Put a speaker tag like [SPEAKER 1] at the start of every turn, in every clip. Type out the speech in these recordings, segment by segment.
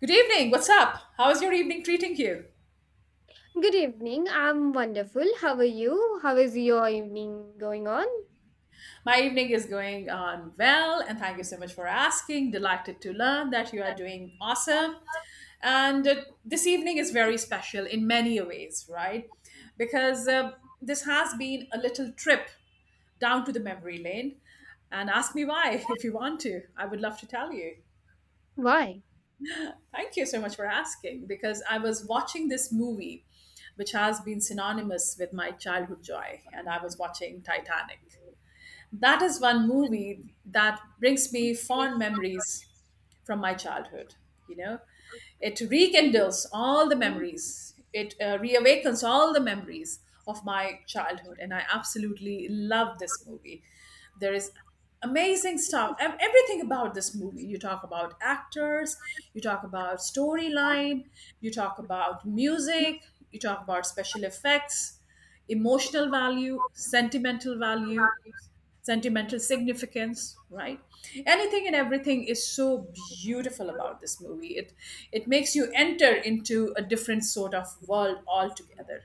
[SPEAKER 1] Good evening. What's up? How is your evening treating you?
[SPEAKER 2] Good evening. I'm wonderful. How are you? How is your evening going on?
[SPEAKER 1] My evening is going on well, and thank you so much for asking. Delighted to learn that you are doing awesome. And this evening is very special in many ways, right? Because This has been a little trip down to the memory lane. And ask me why if you want to. I would love to tell you.
[SPEAKER 2] Why?
[SPEAKER 1] Thank you so much for asking because I was watching this movie, which has been synonymous with my childhood joy, and I was watching Titanic. That is one movie that brings me fond memories from my childhood. You know, it rekindles all the memories, it reawakens all the memories of my childhood, and I absolutely love this movie. There is amazing stuff. Everything about this movie: you talk about actors, you talk about storyline, you talk about music, you talk about special effects, emotional value, sentimental value, sentimental significance, right? Anything and everything is so beautiful about this movie. It makes you enter into a different sort of world altogether.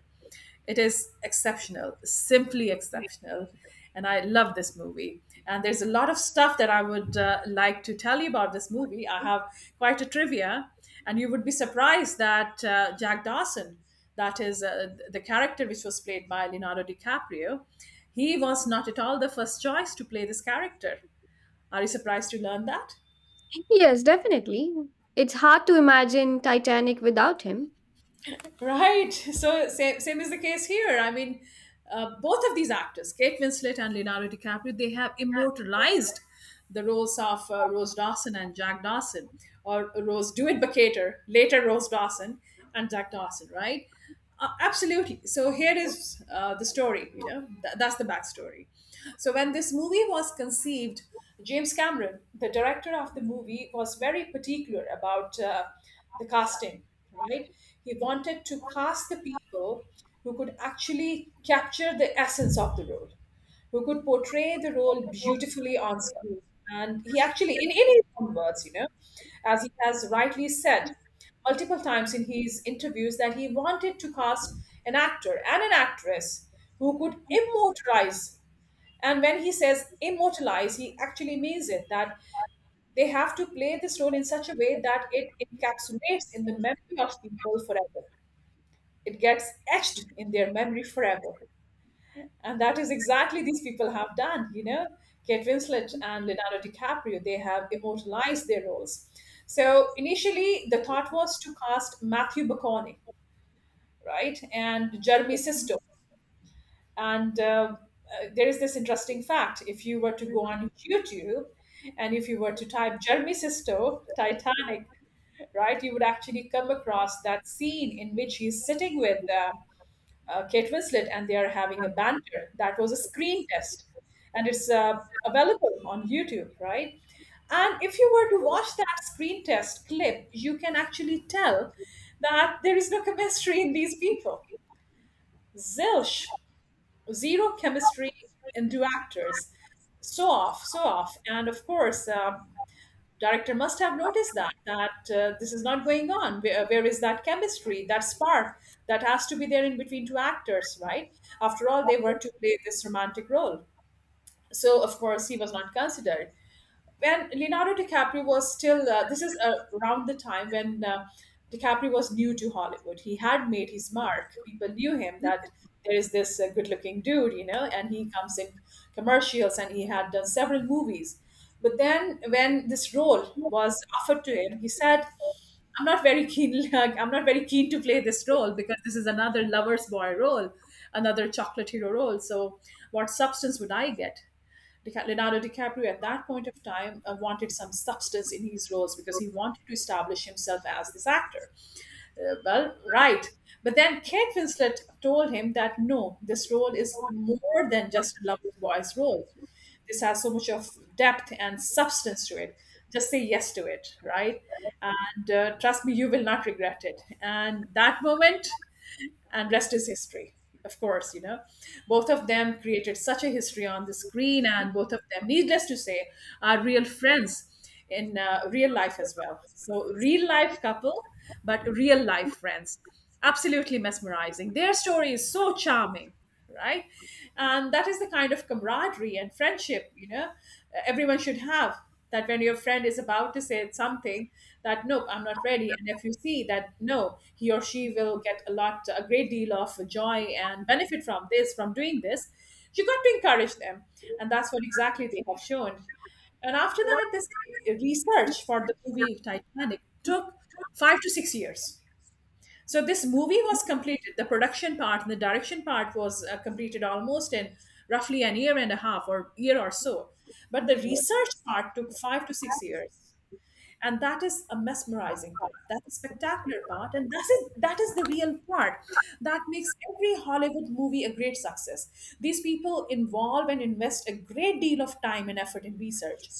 [SPEAKER 1] It is exceptional, simply exceptional. And I love this movie, and there's a lot of stuff that I would like to tell you about this movie. I have quite a trivia, and you would be surprised that Jack Dawson, that is the character which was played by Leonardo DiCaprio, he was not at all the first choice to play this character. Are you surprised to learn that?
[SPEAKER 2] Yes, definitely. It's hard to imagine Titanic without him.
[SPEAKER 1] Right. So same is the case here. I mean, both of these actors, Kate Winslet and Leonardo DiCaprio, they have immortalized the roles of Rose Dawson and Jack Dawson, or Rose Dewitt Buckater, later Rose Dawson and Jack Dawson, right? Absolutely. So here is the story, you know, that's the backstory. So when this movie was conceived, James Cameron, the director of the movie, was very particular about the casting, right? He wanted to cast the people who could actually capture the essence of the role, who could portray the role beautifully on screen. And he actually, in his own words, you know, as he has rightly said multiple times in his interviews, that he wanted to cast an actor and an actress who could immortalize. And when he says immortalize, he actually means it, that they have to play this role in such a way that it encapsulates in the memory of people forever. It gets etched in their memory forever. And that is exactly these people have done, you know. Kate Winslet and Leonardo DiCaprio, they have immortalized their roles. So initially, the thought was to cast Matthew McConaughey, right, and Jeremy Sisto. And There is this interesting fact: if you were to go on YouTube and if you were to type Jeremy Sisto Titanic, right, you would actually come across that scene in which he's sitting with Kate Winslet, and they are having a banter. That was a screen test, and it's available on YouTube, right? And if you were to watch that screen test clip, you can actually tell that there is no chemistry in these people. Zilch, zero chemistry in two actors. So off. And of course, director must have noticed that this is not going on. Where, where is that chemistry, that spark that has to be there in between two actors, right? After all, they were to play this romantic role. So of course he was not considered. When Leonardo DiCaprio was still, this is around the time when DiCaprio was new to Hollywood. He had made his mark. People knew him, that there is this good looking dude, you know, and he comes in commercials and he had done several movies. But then when this role was offered to him, he said, I'm not very keen. Like, I'm not very keen to play this role, because this is another lover's boy role, another chocolate hero role. So, what substance would I get? Leonardo DiCaprio at that point of time wanted some substance in his roles because he wanted to establish himself as this actor. Well, right. But then Kate Winslet told him that no, this role is more than just a lovely boy's role. This has so much of depth and substance to it. Just say yes to it, right? And trust me, you will not regret it. And that moment, and rest is history, of course, you know. Both of them created such a history on the screen, and both of them, needless to say, are real friends in real life as well. So real life couple, but real life friends. Absolutely mesmerizing, their story is so charming, right? And that is the kind of camaraderie and friendship, you know, everyone should have. That when your friend is about to say something, that nope, I'm not ready. And if you see that no, he or she will get a lot, a great deal of joy and benefit from this, from doing this, you got to encourage them. And that's what exactly they have shown. And after that, this research for the movie Titanic took 5 to 6 years. So this movie was completed. The production part and the direction part was completed almost in roughly an year and a half or year or so. But the research part took 5 to 6 years, and that is a mesmerizing part, that's a spectacular part, and that is, that is the real part that makes every Hollywood movie a great success. These people involve and invest a great deal of time and effort in research.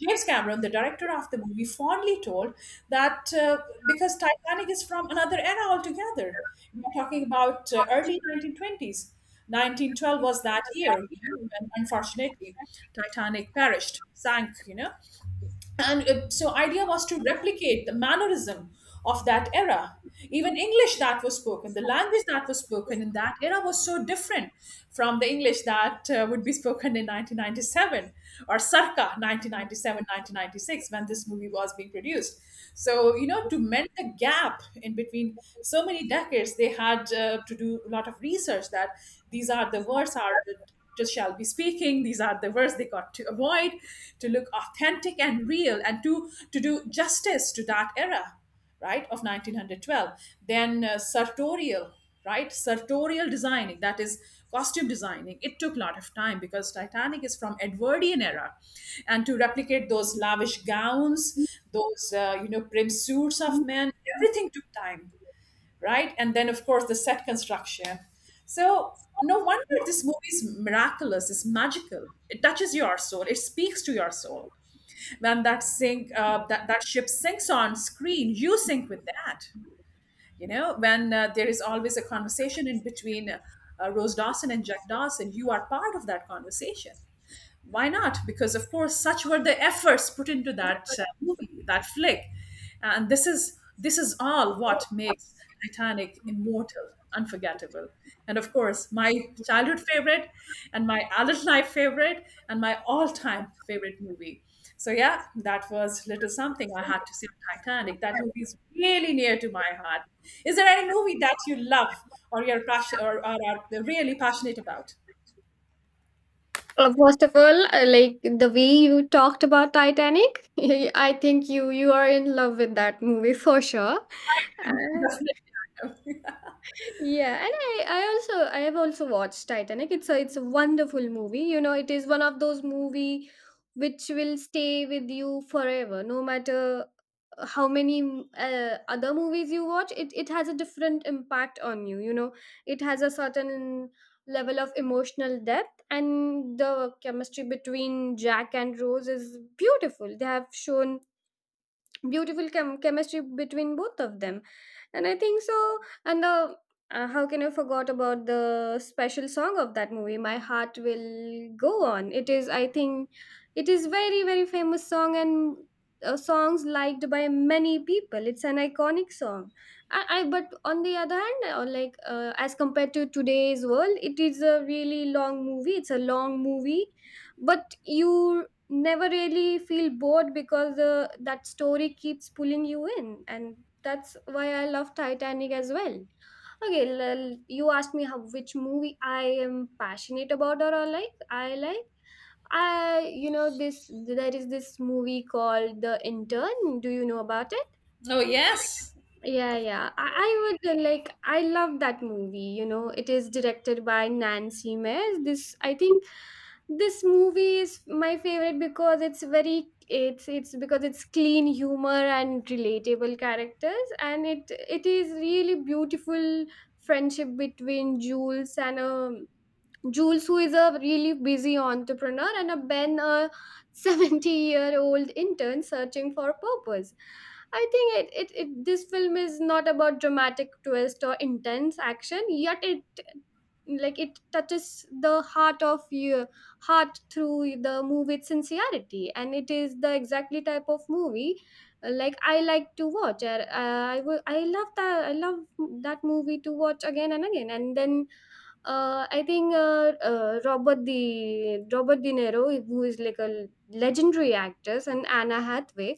[SPEAKER 1] James Cameron, the director of the movie, fondly told that because Titanic is from another era altogether. We're talking about early 1920s. 1912 was that year when, unfortunately, Titanic perished, sank, you know. And so idea was to replicate the mannerism of that era. Even English that was spoken, the language that was spoken in that era was so different from the English that would be spoken in 1997, or circa 1997, 1996, when this movie was being produced. So you know, to mend the gap in between so many decades, they had to do a lot of research, that these are the words are just shall be speaking, these are the words they got to avoid, to look authentic and real and to do justice to that era, right, of 1912. Then sartorial, right, sartorial designing, that is costume designing, it took a lot of time because Titanic is from Edwardian era. And to replicate those lavish gowns, those you know, prim suits of men, everything took time, right? And then, of course, the set construction. So, no wonder this movie is miraculous, it's magical. It touches your soul, it speaks to your soul. When that sink, that ship sinks on screen, you sink with that. You know, when there is always a conversation in between Rose Dawson and Jack Dawson, you are part of that conversation. Why not? Because of course such were the efforts put into that movie, that flick. And this is all what makes Titanic immortal, unforgettable. And of course, my childhood favorite and my adult life favorite and my all-time favorite movie. So yeah, that was little something I had to say on Titanic. That movie is really near to my heart. Is there any movie that you love or you're passionate, or are really passionate about?
[SPEAKER 2] First of all, like the way you talked about Titanic, I think you are in love with that movie for sure. Uh,
[SPEAKER 1] Definitely.
[SPEAKER 2] Yeah, and I have also watched Titanic. It's a wonderful movie. You know, it is one of those movie which will stay with you forever, no matter how many other movies you watch. It has a different impact on you. You know, it has a certain level of emotional depth, and the chemistry between Jack and Rose is beautiful. They have shown beautiful chemistry between both of them, and I think so. And the uh, how can I forgot about the special song of that movie, my heart will go on? It is very very famous song, and songs liked by many people, it's an iconic song. I but on the other hand like as compared to today's world, it is a really long movie, but you never really feel bored because that story keeps pulling you in, and that's why I love Titanic as well. Okay, you asked me how which movie I am passionate about, or I like I like I You know this, there is this movie called The Intern. Do you know about it?
[SPEAKER 1] Oh yes.
[SPEAKER 2] Yeah, yeah. I would like, I love that movie. You know, it is directed by Nancy Meyers. This I think this movie is my favorite because it's clean humor and relatable characters, and it is really beautiful friendship between Jules, who is a really busy entrepreneur, and a Ben, a 70-year-old intern searching for purpose. I think it, it, it this film is not about dramatic twist or intense action, yet it touches the heart of your heart through the movie's sincerity, and it is the exactly type of movie like I like to watch. I love that movie to watch again and again. And then I think Robert De Niro, who is like a legendary actress, and Anna Hathaway,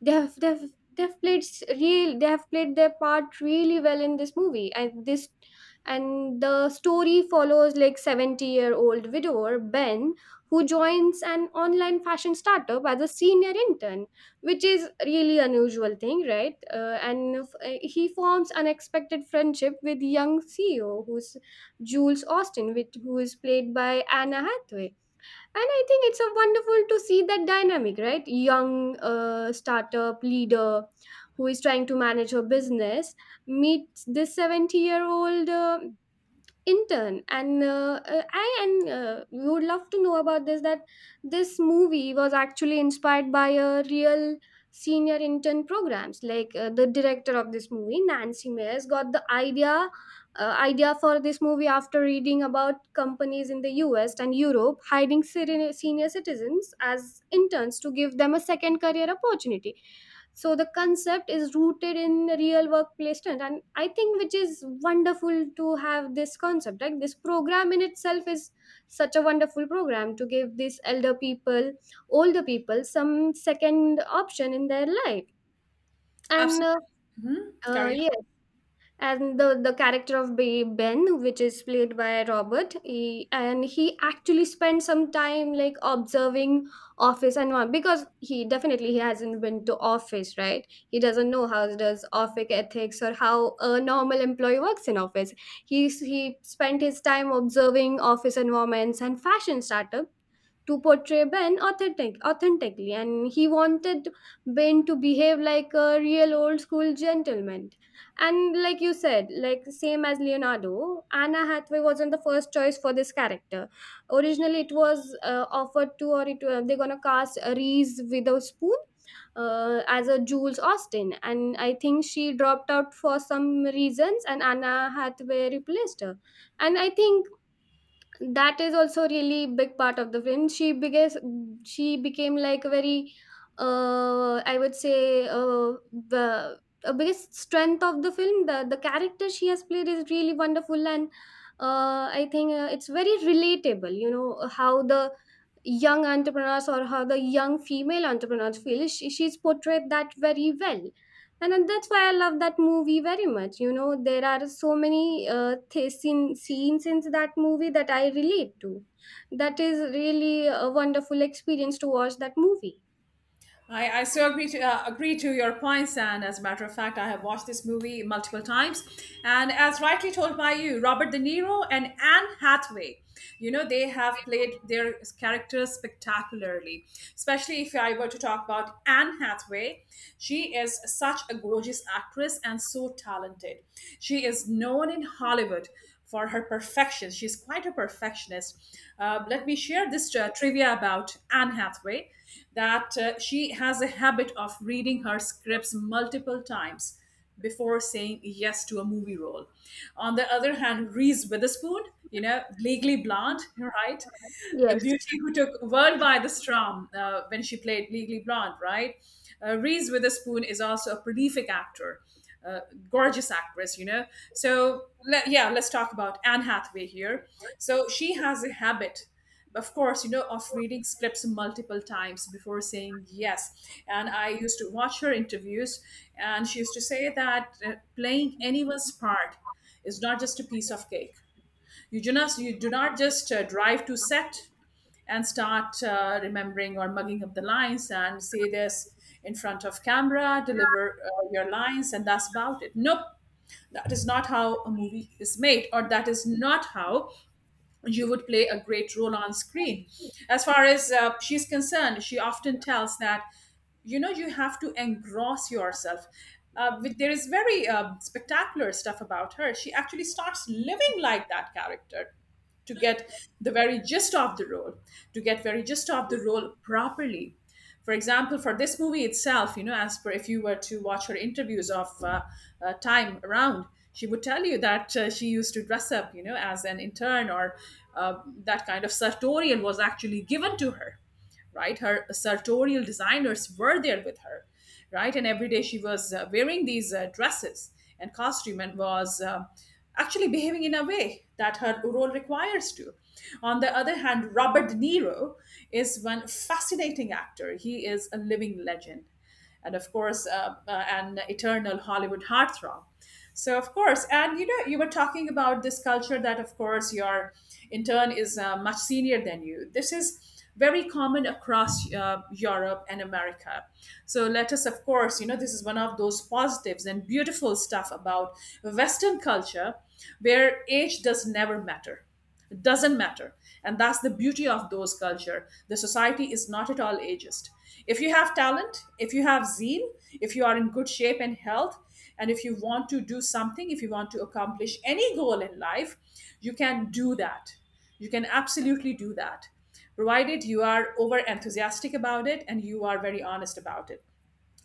[SPEAKER 2] they have they've they've played s- real they have played their part really well in this movie. And the story follows like 70-year-old widower Ben, who joins an online fashion startup as a senior intern, which is really unusual thing, right? He forms unexpected friendship with young CEO, who's Jules Austin, who is played by Anna Hathaway. And I think it's a wonderful to see that dynamic, right? Young startup leader who is trying to manage her business meets this 70-year-old intern. And I and You would love to know about this, that this movie was actually inspired by a real senior intern programs. Like the director of this movie, Nancy Meyers, got the idea for this movie after reading about companies in the US and Europe hiring senior citizens as interns to give them a second career opportunity. So the concept is rooted in real workplace trend, and I think which is wonderful to have this concept, right? This program in itself is such a wonderful program to give these elder people older people some second option in their life. And
[SPEAKER 1] Absolutely. Mhm. Carry on.
[SPEAKER 2] Yes, and the character of Ben, which is played by Robert, and he actually spent some time like observing office and what, because he definitely he hasn't been to office, right? He doesn't know how does office ethics, or how a normal employee works in office. He spent his time observing office environments and fashion startups to portray Ben authentically, and he wanted Ben to behave like a real old school gentleman. And like you said, like same as Leonardo, Anna Hathaway wasn't the first choice for this character. Originally, it was offered to, or it they're gonna cast Reese Witherspoon as a Jules Austin, and I think she dropped out for some reasons, and Anna Hathaway replaced her. And I think that is also really big part of the film. She became like a very, I would say, the a biggest strength of the film. The character she has played is really wonderful, and I think it's very relatable. You know how the young entrepreneurs, or how the young female entrepreneurs feel, she's portrayed that very well. And then that's why I love that movie very much. You know, there are so many scenes in that movie that I relate to. That is really a wonderful experience to watch that movie.
[SPEAKER 1] I so agree to agree to your points, and as a matter of fact, I have watched this movie multiple times, and as rightly told by you, Robert De Niro and Anne Hathaway, you know, they have played their characters spectacularly. Especially if I were to talk about Anne Hathaway, she is such a gorgeous actress and so talented. She is known in Hollywood for her perfection. She's quite a perfectionist. Let me share this trivia about Anne Hathaway, that she has a habit of reading her scripts multiple times before saying yes to a movie role. On the other hand, Reese Witherspoon, you know, Legally Blonde, right? The
[SPEAKER 2] Yes.
[SPEAKER 1] beauty who took world by the strum when she played Legally Blonde, right? Reese Witherspoon is also a prolific actor, uh, gorgeous actress, you know. So yeah, let's talk about Anne Hathaway here. So she has a habit, of course, you know, of reading scripts multiple times before saying yes. And I used to watch her interviews, and she used to say that playing anyone's part is not just a piece of cake. You do not just drive to set and start remembering or mugging up the lines and say this in front of camera, deliver your lines, and that's about it. Nope, that is not how a movie is made, or that is not how you would play a great role on screen. As far as she's concerned, she often tells that you know you have to engross yourself there is very spectacular stuff about her. She actually starts living like that character to get the very gist of the role, to get very gist of the role properly. For example, for this movie itself, you know, as per if you were to watch her interviews of time around, she would tell you that she used to dress up, you know, as an intern, or uh, that kind of sartorial was actually given to her, right? Her sartorial designers were there with her, right? And every day she was wearing these dresses and costume and was actually behaving in a way that her role requires to. On the other hand, Robert De Niro is one fascinating actor. He is a living legend and of course an eternal Hollywood heartthrob. So of course, and you know, you were talking about this culture that of course your intern is much senior than you. This is very common across Europe and America. So let us, of course, you know, this is one of those positives and beautiful stuff about Western culture, where age does never matter, it doesn't matter. And that's the beauty of those culture. The society is not at all ageist. If you have talent, if you have zeal, if you are in good shape and health, and if you want to do something, if you want to accomplish any goal in life, you can do that. You can absolutely do that. Provided you are over enthusiastic about it and you are very honest about it.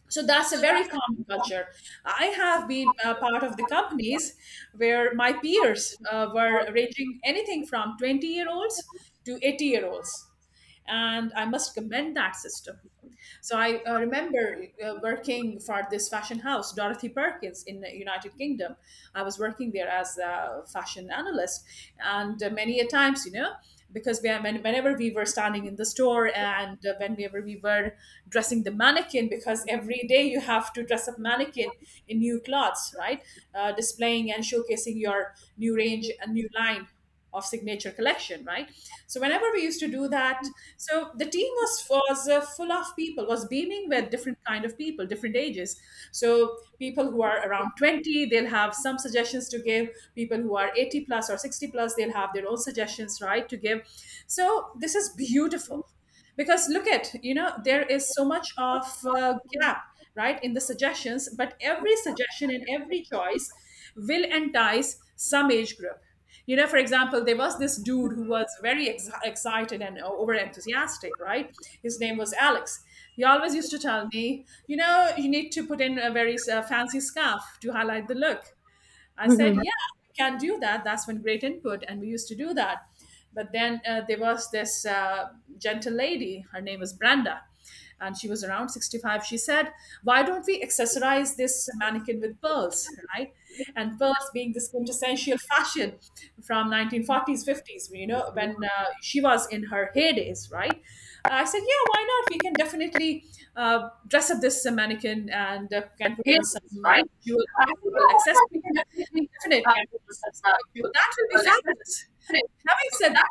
[SPEAKER 1] So that's a very common culture. I have been part of the companies where my peers were ranging anything from 20-year-olds to 80 year olds. And I must commend that system. So I remember working for this fashion house, Dorothy Perkins, in the United Kingdom. I was working there as a fashion analyst, and many a times, you know, because whenever we were standing in the store and whenever we were dressing the mannequin,
[SPEAKER 2] We
[SPEAKER 1] because
[SPEAKER 2] have to
[SPEAKER 1] every day you have to dress up
[SPEAKER 2] do
[SPEAKER 1] mannequin
[SPEAKER 2] this.
[SPEAKER 1] in new clothes, right? Displaying and showcasing your new range and new line of signature collection, right? So whenever we used to do that, so the team was full of people, was beaming with different kind of people, different ages. So people who are around 20, they'll have some suggestions to give. People who are 80 plus or 60 plus, they'll have their own suggestions, right, to give. So this is beautiful, because look at, you know, there is so much of gap, right, in the suggestions, but every suggestion and every choice will entice some age group. You know, for example, there was this dude who was very excited and over enthusiastic, right? His name was Alex. He always used to tell me, you know, you need to put in a very fancy scarf to highlight the look. I said,
[SPEAKER 2] Mhm.
[SPEAKER 1] yeah, we can do that. That's when great input. And we used to do that. But then there was this gentle lady, her name was Brenda, and she was around 65. She said, why don't we accessorize this mannequin with pearls, right? And pearls being this quintessential fashion from 1940s, 50s, you know, when she was in her heydays, right? I said, yeah, why not? We can definitely dress up this mannequin and can put on some jewel or pearl accessory. Definitely. That will be fabulous. Having said that,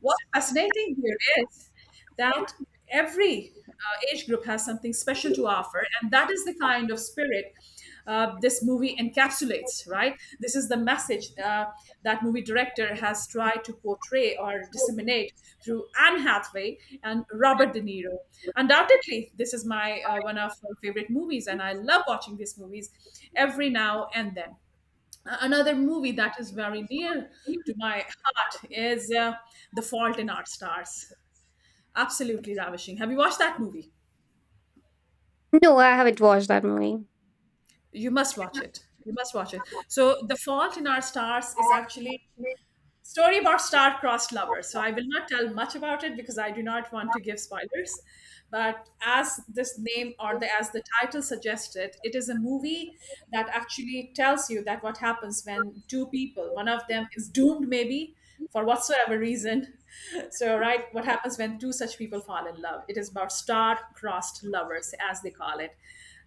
[SPEAKER 1] what's fascinating here is that every age group has something special to offer, and that is the kind of spirit this movie encapsulates, right? This is the message that movie director has tried to portray or disseminate through Anne Hathaway and Robert De Niro. Undoubtedly, this is my one of my favorite movies, and I love watching these movies every now and then. Another movie that is very dear to my heart is The Fault in Our Stars. Absolutely ravishing. Have you watched that movie?
[SPEAKER 2] No, I haven't watched that movie.
[SPEAKER 1] You must watch it. You must watch it. So, The Fault in Our Stars is actually story about star-crossed lovers. So, I will not tell much about it because I do not want to give spoilers. But as this name, or as the title suggested, it is a movie that actually tells you that what happens when two people, one of them is doomed maybe for whatsoever reason. So, right, what happens when two such people fall in love? It is about star-crossed lovers, as they call it.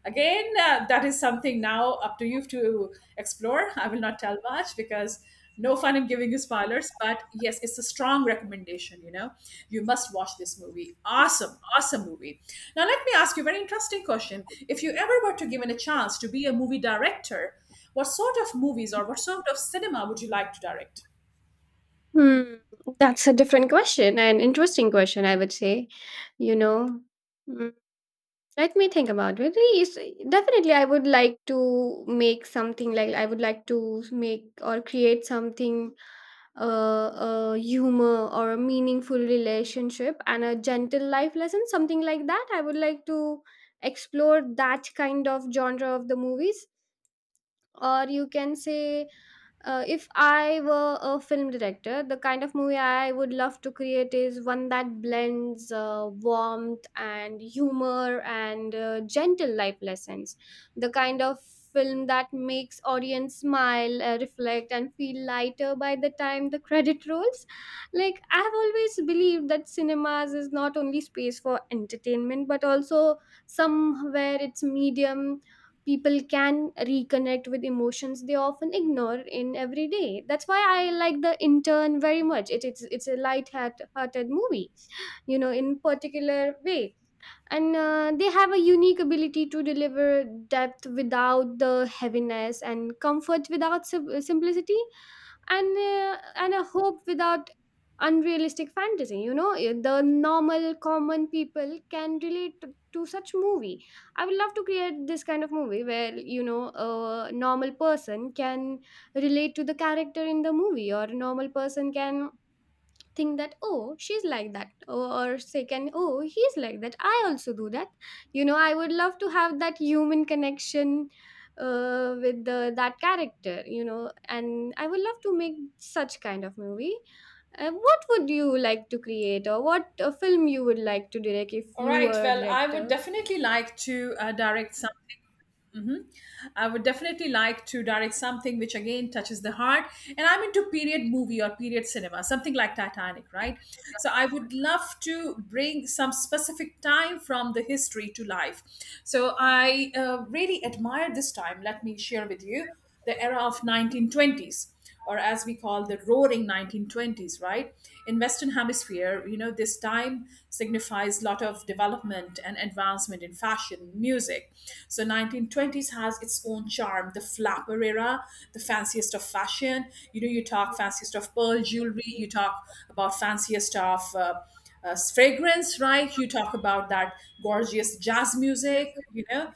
[SPEAKER 1] Again, that is something now up to you to explore. I will not tell much because no fun in giving you spoilers, but yes, it's a strong recommendation. You know, you must watch this movie. Awesome, awesome movie. Now, let me ask you a very interesting question. If you ever were to given a chance to be a movie director, what sort of movies or what sort of cinema would you like to direct?
[SPEAKER 2] Hmm, that's a different question, an interesting question, I would say. You know, Mm, let me think about it. Yes, definitely, I would like to make something like, I would like to make or create something, a humor or a meaningful relationship and a gentle life lesson, something like that. I would like to explore that kind of genre of the movies. Or you can say, if I were a film director, the kind of movie I would love to create is one that blends warmth and humor and gentle life lessons. The kind of film that makes audience smile, reflect, and feel lighter by the time the credit rolls. Like I have always believed that cinemas is not only space for entertainment, but also somewhere it's medium people can reconnect with emotions they often ignore in everyday. That's why I like The Intern very much. It's a light-hearted movie, you know, in particular way. And they have a unique ability to deliver depth without the heaviness, and comfort without simplicity, and a hope without unrealistic fantasy, you know. The normal common people can relate to such movie. I would love to create this kind of movie where, you know, a normal person can relate to the character in the movie, or a normal person can think that oh, she's like that, or second, oh, he's like that, I also do that. You know, I would love to have that human connection with that character, you know. And I would love to make such kind of movie. What would you like to create, or what film you would like to direct if
[SPEAKER 1] All
[SPEAKER 2] you
[SPEAKER 1] right.
[SPEAKER 2] were a
[SPEAKER 1] Well, I would
[SPEAKER 2] director?
[SPEAKER 1] definitely like to direct something. Mhm. I would definitely like to direct something which again touches the heart. And I'm into period movie or period cinema, something like Titanic, right? So I would love to bring some specific time from the history to life. So I really admire this time. Let me share with you the era of 1920s, or as we call, the roaring 1920s, right? In western hemisphere, you know, this time signifies a lot of development and advancement in fashion, music. So 1920s has its own charm, the flapper era, the fanciest of fashion. You know, you talk fanciest of pearl jewelry, you talk about fanciest of fragrance, right? You talk about that gorgeous jazz music, you know,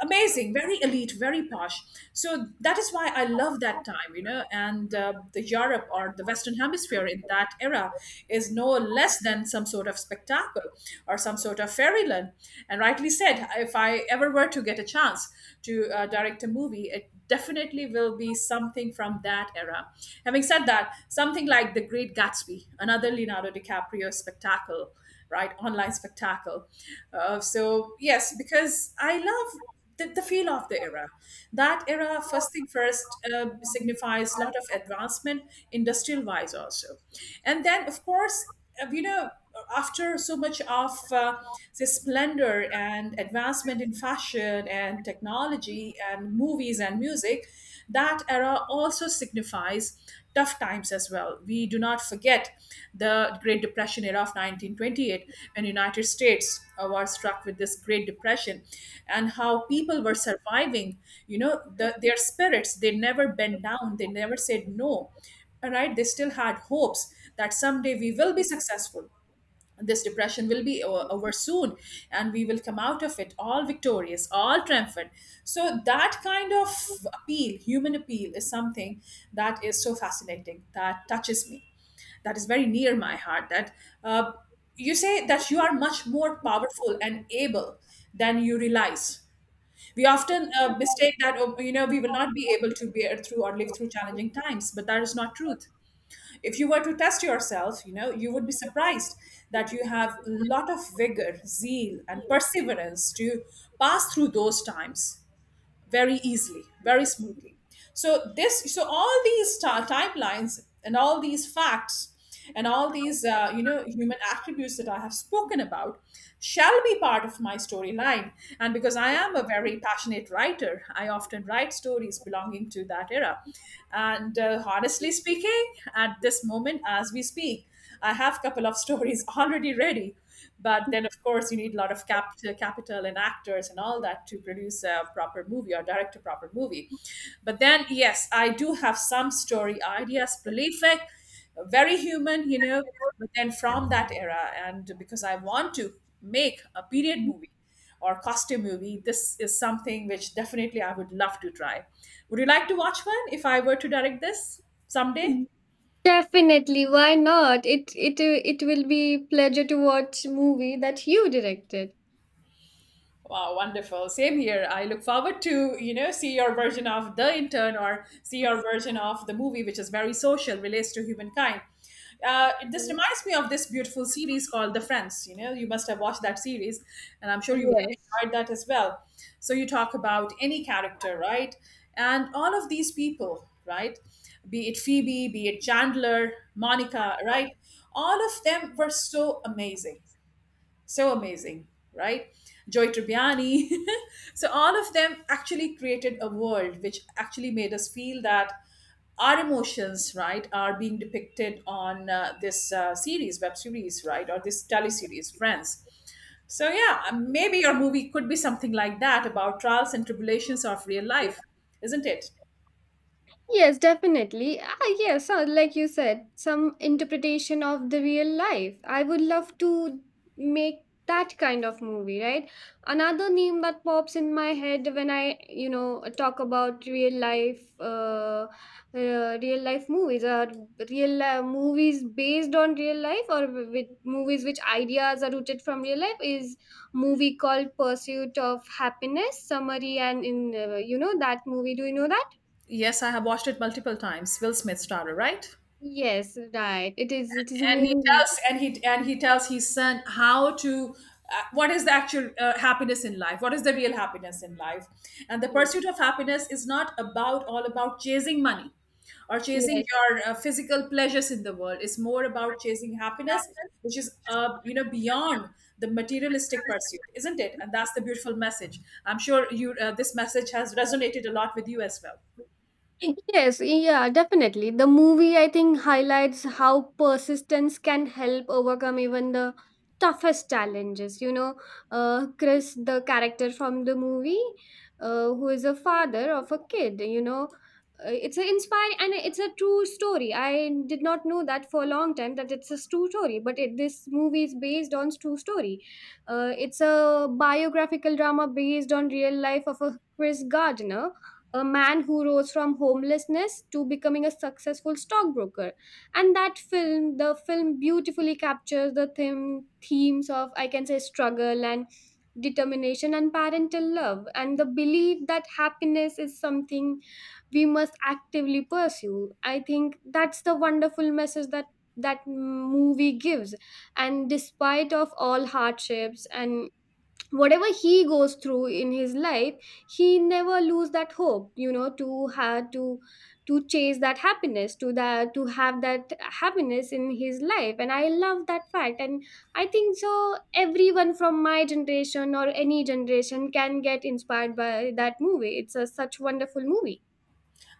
[SPEAKER 1] amazing, very elite, very posh. So that is why I love that time, you know. And the Europe or the western hemisphere in that era is no less than some sort of spectacle or some sort of fairyland. And rightly said, if I ever were to get a chance to direct a movie, it definitely will be something from that era. Having said that, something like The Great Gatsby, another Leonardo DiCaprio spectacle, right, online spectacle. So yes, because I love the feel of the era. That era, first thing first, signifies a lot of advancement, industrial wise also. And then, of course, you know, after so much of the splendor and advancement in fashion and technology and movies and music, that era also signifies tough times as well. We do not forget the Great Depression era of 1928, when United States were struck with this Great Depression, and how people were surviving. You know, their spirits, they never bent down, they never said no. All right, they still had hopes that someday we will be successful, this depression will be over soon, and we will come out of it all victorious, all triumphant. So that kind of appeal, human appeal, is something that is so fascinating, that touches me, that is very near my heart, that uh, you say that you are much more powerful and able than you realize. We often mistake that, oh, you know, we will not be able to bear through or live through challenging times, but that is not truth. If you were to test yourself, you know, you would be surprised that you have a lot of vigor, zeal and perseverance to pass through those times very easily, very smoothly. So this, so all these timelines and all these facts and all these, you know, human attributes that I have spoken about shall be part of my storyline. And because I am a very passionate writer, I often write stories belonging to that era. And honestly speaking, at this moment, as we speak, I have a couple of stories already ready, but then, of course, you need a lot of capital and actors and all that to produce a proper movie or direct a proper movie. But then, yes, I do have some story ideas, prolific, very human, you know. But then from that era, and because I want to make a period movie or costume movie, this is something which definitely I would love to try. Would you like to watch one if I were to direct this someday?
[SPEAKER 2] Definitely, why not? It will be pleasure to watch movie that you directed.
[SPEAKER 1] Wow, wonderful. Same here. I look forward to, see your version of The Intern or see your version of the movie, which is very social, relates to humankind. This reminds me of this beautiful series called The Friends. You know, you must have watched that series, and I'm sure you would
[SPEAKER 2] Yes.
[SPEAKER 1] have enjoyed that as well. So you talk about any character, right? And all of these people, right? Be it Phoebe, be it Chandler, Monica, right? All of them were so amazing, so amazing, right? Joy Tribbiani. So all of them actually created a world which actually made us feel that our emotions, right, are being depicted on this series, web series, right, or this tele series, Friends. So yeah, maybe your movie could be something like that about trials and tribulations of real life, isn't it?
[SPEAKER 2] Yes, definitely. Ah, yes, like you said, some interpretation of the real life. I would love to make that kind of movie, right? Another name that pops in my head when I, you know, talk about real life movies, or movies based on real life, or with movies which ideas are rooted from real life, is movie called Pursuit of Happiness. Summary and in, you know, that movie. Do you know that?
[SPEAKER 1] Yes, I have watched it multiple times. Will Smith starrer, right?
[SPEAKER 2] Yes, right. It is a
[SPEAKER 1] and he
[SPEAKER 2] movie.
[SPEAKER 1] tells and he and he tells his son how to, what is the actual happiness in life, what is the real happiness in life. And the
[SPEAKER 2] Yeah.
[SPEAKER 1] pursuit of happiness is not about, all about chasing money or chasing
[SPEAKER 2] Yes.
[SPEAKER 1] your physical pleasures in the world. It's more about chasing happiness, which is, you know, beyond the materialistic pursuit, isn't it? And that's the beautiful message. I'm sure you, this message has resonated a lot with you as well.
[SPEAKER 2] Yes, yeah, definitely. The movie, I think, highlights how persistence can help overcome even the toughest challenges. You know, Chris, the character from the movie, who is a father of a kid, you know, it's an inspiring, and it's a true story. I did not know that for a long time that it's a true story, but this movie is based on true story. It's a biographical drama based on real life of a Chris Gardner, a man who rose from homelessness to becoming a successful stockbroker. And that film beautifully captures the themes of, I can say, struggle and determination and parental love, and the belief that happiness is something we must actively pursue. I think that's the wonderful message that that movie gives. And despite of all hardships and whatever he goes through in his life, he never lose that hope, you know, to chase that happiness, to have that happiness in his life. And I love that fact. And I think so, everyone from my generation or any generation can get inspired by that movie. It's a such wonderful movie.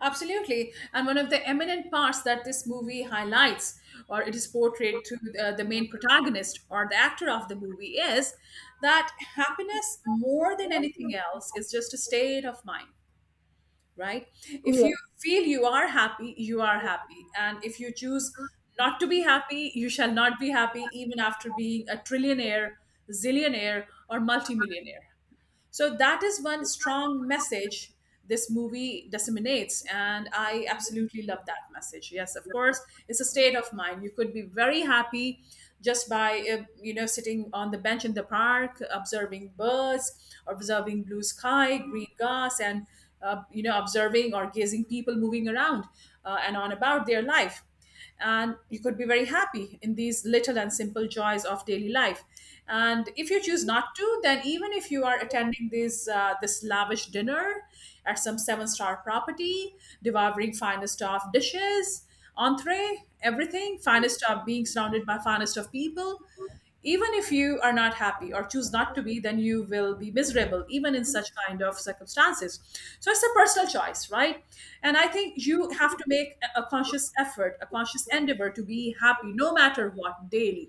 [SPEAKER 1] Absolutely. And one of the eminent parts that this movie highlights, or it is portrayed to the main protagonist or the actor of the movie, is that happiness, more than anything else, is just a state of mind, right? If you
[SPEAKER 2] Yes.
[SPEAKER 1] feel you are happy, you are happy. And if you choose not to be happy, you shall not be happy, even after being a trillionaire, zillionaire, or multimillionaire. So that is one strong message this movie disseminates, and I absolutely love that message. Yes, of course, it's a state of mind. You could be very happy just by, you know, sitting on the bench in the park, observing birds, observing blue sky, green grass, and you know, observing or gazing people moving around, and on about their life. And you could be very happy in these little and simple joys of daily life. And if you choose not to, then even if you are attending this, this lavish dinner at some seven-star property, devouring finest of dishes, entree, everything finest of, being surrounded by finest of people, even if you are not happy or choose not to be, then you will be miserable even in such kind of circumstances. So it's a personal choice, right? And I think you have to make a conscious effort, a conscious endeavor to be happy no matter what daily.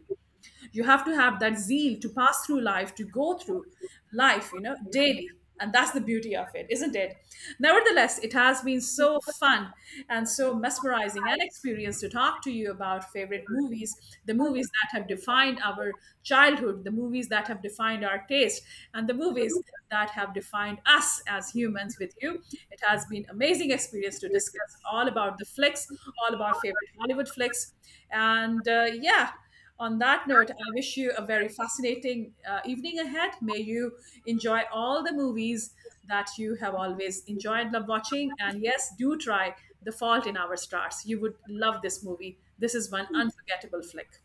[SPEAKER 1] You have to have that zeal to pass through life, to go through life, you know, daily, and that's the beauty of it, isn't it? Nevertheless, it has been so fun and so mesmerizing an experience to talk to you about favorite movies, the movies that have defined our childhood, the movies that have defined our taste, and the movies that have defined us as humans. With you, it has been amazing experience to discuss all about the flicks, all about favorite Hollywood flicks, and yeah, on that note, I wish you a very fascinating evening ahead. May you enjoy all the movies that you have always enjoyed, love watching. And yes, do try The Fault in Our Stars. You would love this movie. This is one unforgettable flick.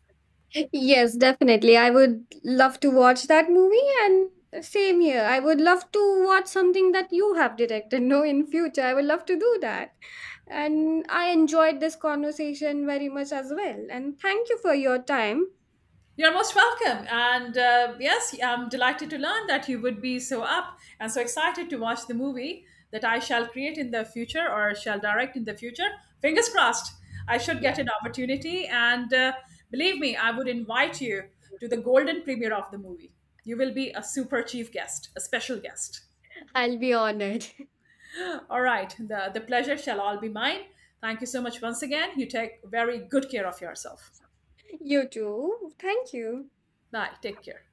[SPEAKER 2] Yes, definitely. I would love to watch that movie, and same here. I would love to watch something that you have directed, no, in future. I would love to do that. And I enjoyed this conversation very much as well. And thank you for your time.
[SPEAKER 1] You're most welcome. And yes, I'm delighted to learn that you would be so up and so excited to watch the movie that I shall create in the future or shall direct in the future. Fingers crossed, I should
[SPEAKER 2] Yeah,
[SPEAKER 1] get an opportunity. And believe me, I would invite you to the golden premiere of the movie. You will be a super chief guest, a special guest.
[SPEAKER 2] I'll be honored.
[SPEAKER 1] All right, the pleasure shall all be mine. Thank you so much once again. You take very good care of yourself.
[SPEAKER 2] You too. Thank you.
[SPEAKER 1] Bye. Take care.